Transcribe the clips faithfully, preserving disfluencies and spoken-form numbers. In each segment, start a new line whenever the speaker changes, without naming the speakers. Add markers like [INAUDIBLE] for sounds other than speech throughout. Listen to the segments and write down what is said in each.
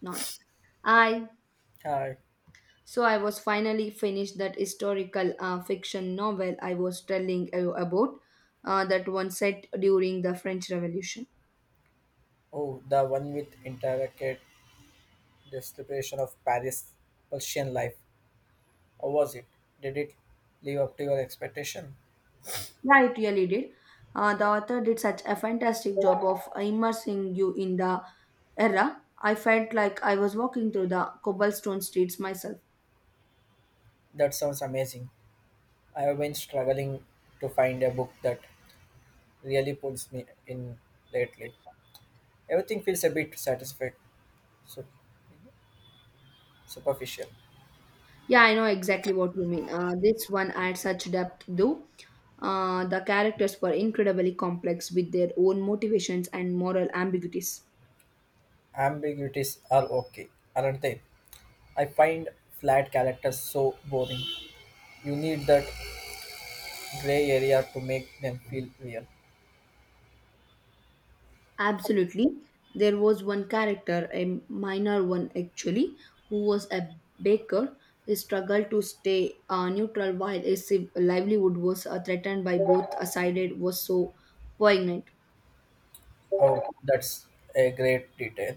None. I.
Hi.
So I was finally finished that historical uh, fiction novel I was telling you about, uh, that one set during the French Revolution.
Oh, the one with intricate description of Paris Parisian life. How was it? Did it live up to your expectation?
Yeah, it really did. Uh, the author did such a fantastic job of immersing you in the era. I felt like I was walking through the cobblestone streets myself.
That sounds amazing. I have been struggling to find a book that really pulls me in lately. Everything feels a bit satisfied, su- superficial.
Yeah, I know exactly what you mean. Uh, this one had such depth, though. Uh, the characters were incredibly complex with their own motivations and moral ambiguities.
Ambiguities are okay, aren't they? I find flat characters so boring. You need that gray area to make them feel real.
Absolutely. There was one character, a minor one actually, who was a baker. He struggled to stay uh, neutral while his civ- livelihood was uh, threatened by both sides was so poignant.
Oh, that's a great detail.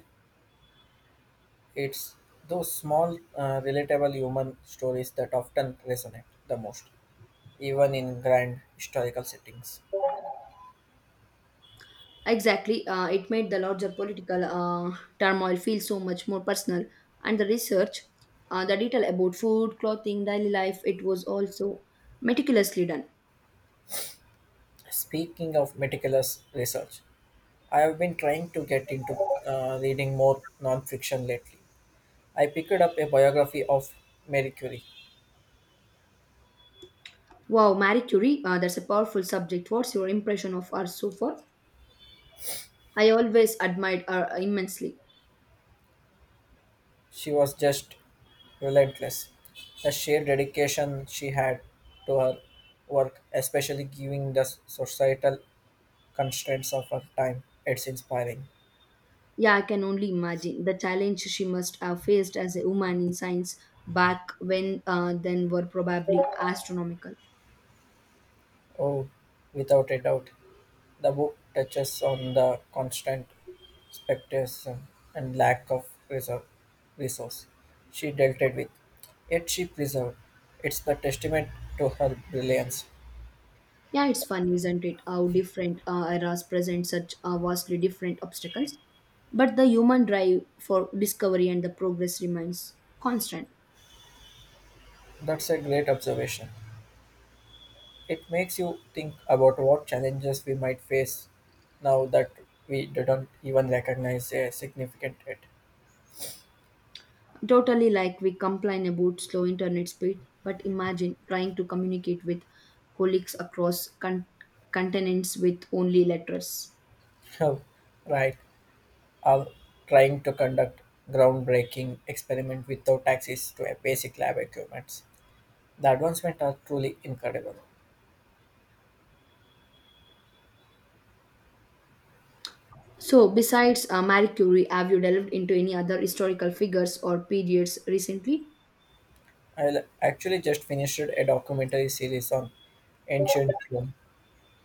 It's those small, uh, relatable human stories that often resonate the most, even in grand historical settings.
Exactly. Uh, it made the larger political uh, turmoil feel so much more personal. And the research, uh, the detail about food, clothing, daily life, it was also meticulously done.
Speaking of meticulous research, I have been trying to get into uh, reading more non-fiction lately. I picked up a biography of Marie Curie.
Wow, Marie Curie, uh, that's a powerful subject. What's your impression of her so far? I always admired her immensely.
She was just relentless. The sheer dedication she had to her work, especially given the societal constraints of our time. It's inspiring.
Yeah, I can only imagine the challenge she must have faced as a woman in science back when uh, then were probably astronomical.
Oh, without a doubt, the book touches on the constant spectacles and lack of reserve, resource she dealt with, yet she preserved. It's the testament to her brilliance.
Yeah, it's funny, isn't it, how different uh, eras present such uh, vastly different obstacles. But the human drive for discovery and the progress remains constant.
That's a great observation. It makes you think about what challenges we might face now that we didn't even recognize a significant it.
Totally like we complain about slow internet speed, but imagine trying to communicate with colleagues across con- continents with only letters.
[LAUGHS] Oh, right. are trying to conduct groundbreaking experiment without access to a basic lab equipment. The advancements are truly incredible.
So, besides uh, Marie Curie, have you delved into any other historical figures or periods recently?
I actually just finished a documentary series on ancient Rome.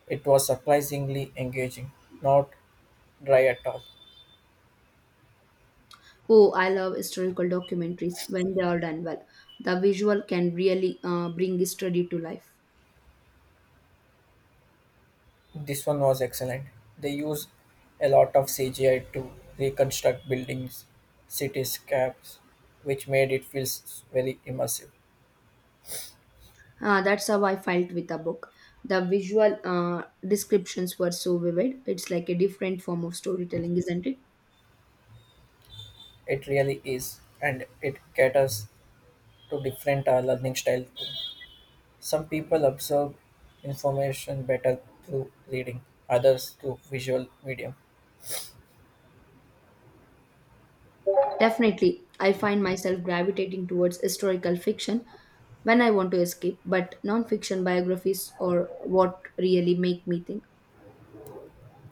It was surprisingly engaging, not dry at all.
Oh, I love historical documentaries when they are done well. The visual can really uh, bring history to life.
This one was excellent. They use a lot of C G I to reconstruct buildings, cityscapes, which made it feel s- very immersive.
Uh, that's how I felt with the book. The visual uh, descriptions were so vivid. It's like a different form of storytelling, isn't it?
It really is, and it caters to different uh, learning style too. Some people absorb information better through reading, others through visual medium.
Definitely, I find myself gravitating towards historical fiction when I want to escape, but non fiction biographies are what really make me think.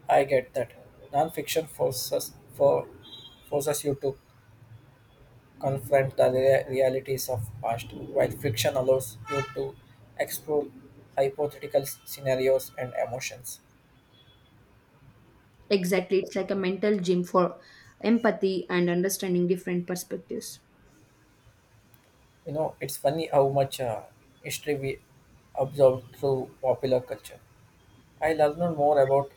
I get that. Non-fiction forces for forces you to confront the rea- realities of past, while fiction allows you to explore hypothetical scenarios and emotions.
Exactly. It's like a mental gym for empathy and understanding different perspectives.
You know, it's funny how much uh, history we absorb through popular culture. I learned more about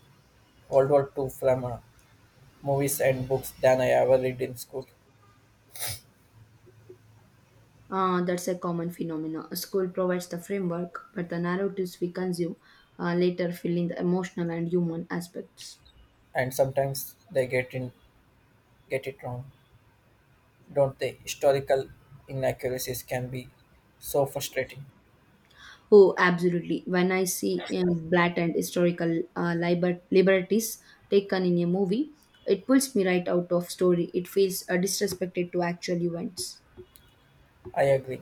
World War Two from uh, movies and books than I ever read in school,
Uh, that's a common phenomenon. School provides the framework, but the narratives we consume uh, later fill in the emotional and human aspects.
and sometimes they get in get it wrong, don't they? Historical inaccuracies can be so frustrating.
Oh, absolutely. When I see um, blatant historical uh, liber- liberties taken in a movie, it pulls me right out of story. It feels uh, disrespected to actual events.
I agree.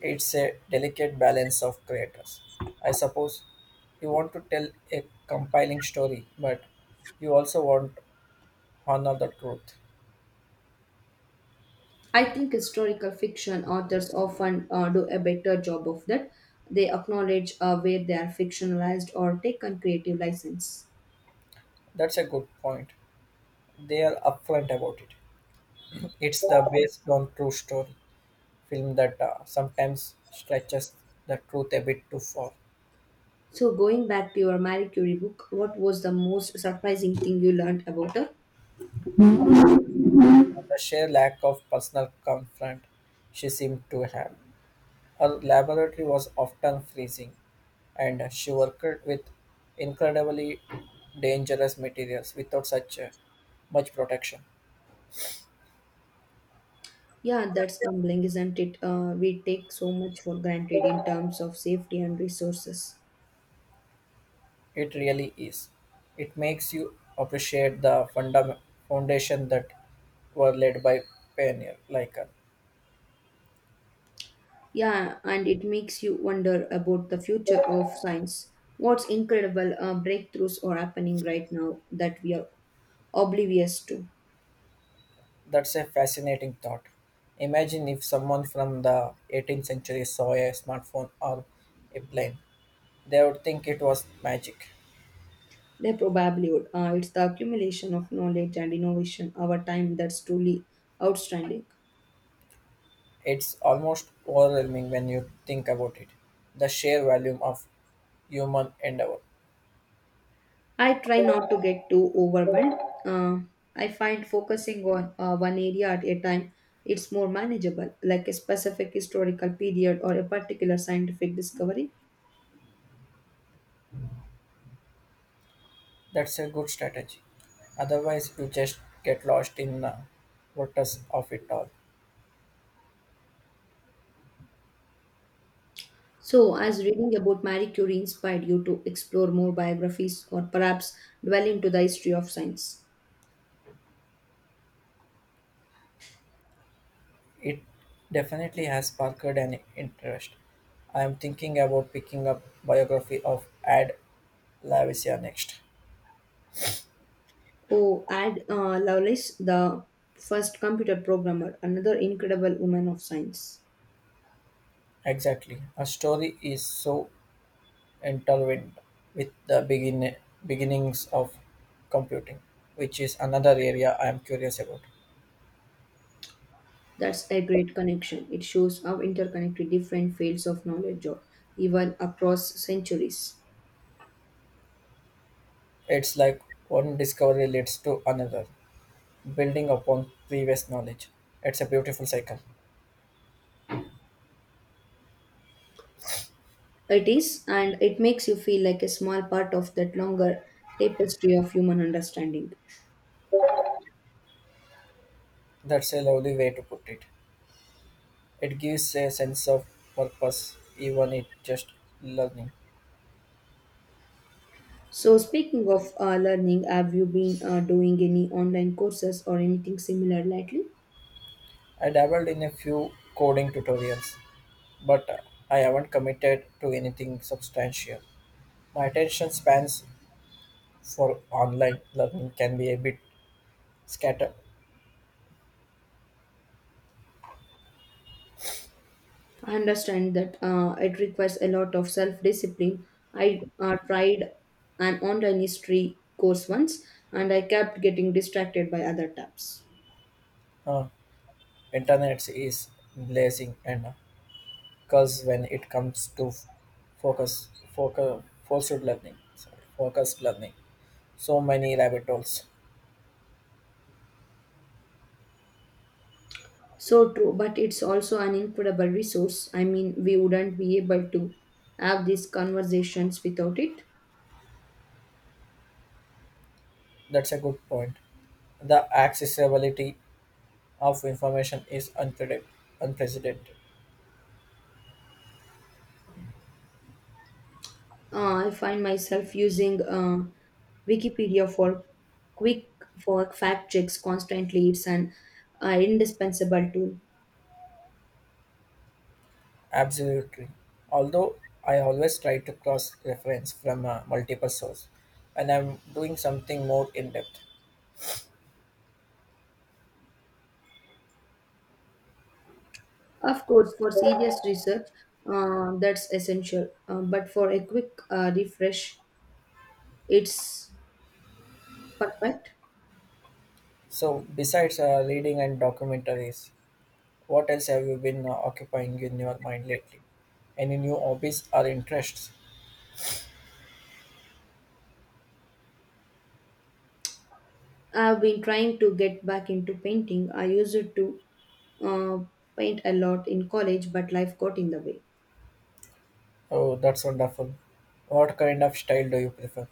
It's a delicate balance of creators. I suppose you want to tell a compelling story, but you also want honor the truth.
I think historical fiction authors often uh, do a better job of that. They acknowledge uh, where they are fictionalized or take on creative license.
That's a good point. They are upfront about it. It's the based on true story film that uh, sometimes stretches the truth a bit too far.
So, going back to your Marie Curie book, what was the most surprising thing you learned about her?
the sheer lack of personal comfort she seemed to have. Her laboratory was often freezing, and she worked with incredibly dangerous materials without such uh, much protection.
Yeah, that's humbling, isn't it? Uh, we take so much for granted in terms of safety and resources.
It really is. It makes you appreciate the funda- foundation that were laid by pioneer like her.
Yeah, and it makes you wonder about the future of science. What's incredible uh, breakthroughs are happening right now that we are oblivious to?
That's a fascinating thought. Imagine if someone from the eighteenth century saw a smartphone or a plane. They would think it was magic.
They probably would. Uh, it's the accumulation of knowledge and innovation over time that's truly outstanding.
It's almost overwhelming when you think about it. The sheer volume of human endeavor.
I try not to get too overwhelmed. Uh, I find focusing on uh, one area at a time it's more manageable, like a specific historical period or a particular scientific discovery.
That's a good strategy. Otherwise, you just get lost in the waters of it all.
So, as reading about Marie Curie inspired you to explore more biographies or perhaps dwell into the history of science?
It definitely has sparked an interest. I am thinking about picking up biography of Ad Lavisia next.
Oh, add uh, Lovelace, the first computer programmer, another incredible woman of science.
Exactly. A story is so intervened with the begin- beginnings of computing, which is another area I am curious about.
That's a great connection. It shows how interconnected different fields of knowledge are, even across centuries.
It's like one discovery leads to another, building upon previous knowledge. It's a beautiful cycle.
It is, and it makes you feel like a small part of that longer tapestry of human understanding.
That's a lovely way to put it. It gives a sense of purpose, even it just learning.
So, speaking of uh, learning, have you been uh, doing any online courses or anything similar lately?
I dabbled in a few coding tutorials, but uh, I haven't committed to anything substantial. My attention spans for online learning can be a bit scatter.
I understand that uh, it requires a lot of self discipline. I uh, tried an online history course once and I kept getting distracted by other tabs.
Uh, internet is blazing and because when it comes to f- focus, focus, focused learning, sorry, focused learning, so many rabbit holes.
So true, but it's also an incredible resource. I mean, we wouldn't be able to have these conversations without it.
That's a good point. The accessibility of information is unprecedented. unprecedented.
Uh, I find myself using uh, Wikipedia for quick for fact checks constantly. It's an uh, indispensable tool.
Absolutely. Although I always try to cross reference from uh, multiple sources when I'm doing something more in depth.
Of course, for serious research, uh, that's essential. Uh, but for a quick uh, refresh, it's perfect.
So besides uh, reading and documentaries, What else have you been uh, occupying in your mind lately? Any new hobbies or interests?
I've been trying to get back into painting. I used to uh, paint a lot in college, but life got in the way.
Oh, that's wonderful. What kind of style do you prefer?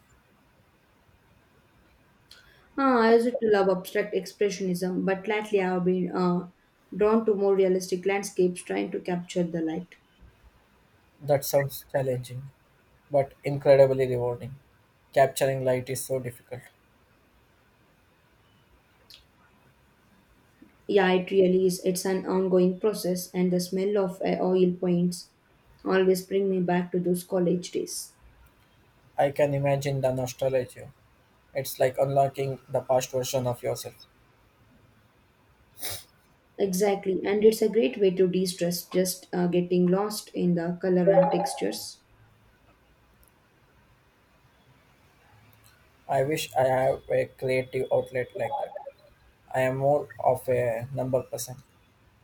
Uh, I used to love abstract expressionism, but lately I've been uh, drawn to more realistic landscapes, trying to capture the light.
That sounds challenging, but incredibly rewarding. Capturing light is so difficult.
Yeah, it really is. It's an ongoing process, and the smell of uh, oil paints always bring me back to those college days.
I can imagine the nostalgia. It's like unlocking the past version of yourself.
Exactly, and it's a great way to de-stress, just uh, getting lost in the color and textures.
I wish I have a creative outlet like that. I am more of a number person.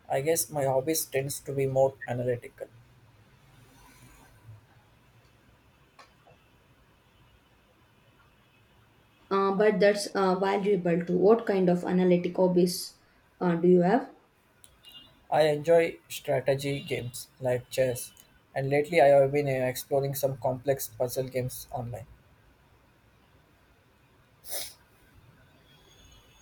I guess my hobbies tends to be more analytical.
Uh, but that's uh, valuable too. What kind of analytic hobbies uh, do you have?
I enjoy strategy games like chess, and lately I have been uh, exploring some complex puzzle games online.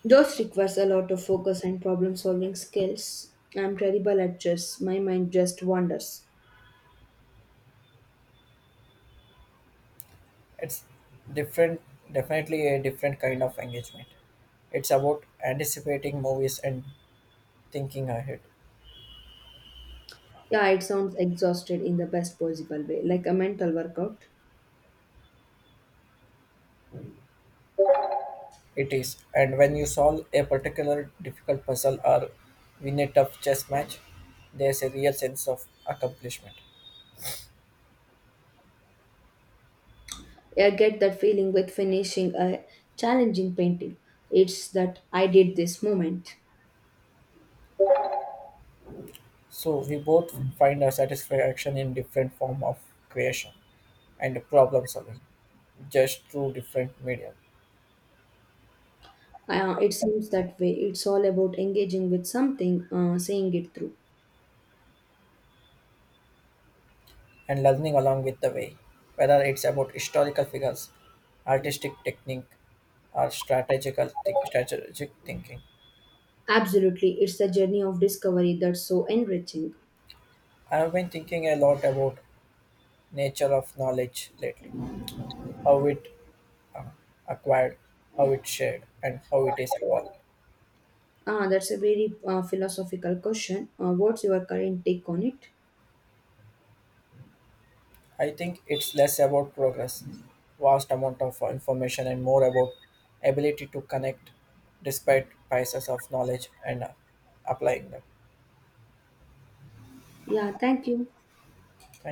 Those requires a lot of focus and problem-solving skills. I'm terrible at chess. My mind just wanders.
It's different, definitely a different kind of engagement. It's about anticipating movies and thinking ahead.
Yeah, it sounds exhausted in the best possible way, like a mental workout.
It is, and when you solve a particular difficult puzzle or win a tough chess match, there's a real sense of accomplishment.
I get that feeling with finishing a challenging painting. It's that I did this moment.
So we both find a satisfaction in different form of creation and problem solving, just through different medium,
Uh, it seems that way. It's all about engaging with something, uh, seeing it through.
and learning along with the way, whether it's about historical figures, artistic technique, or strategical think, strategic thinking.
Absolutely, it's the journey of discovery that's so enriching.
I have been thinking a lot about nature of knowledge lately, how it uh, acquired, how it shared, and how it is evolved.
Ah, that's a very uh, philosophical question. Uh, what's your current take on it?
I think it's less about progress, vast amount of information, and more about ability to connect despite biases of knowledge and uh, applying them.
Yeah, thank you.
Thank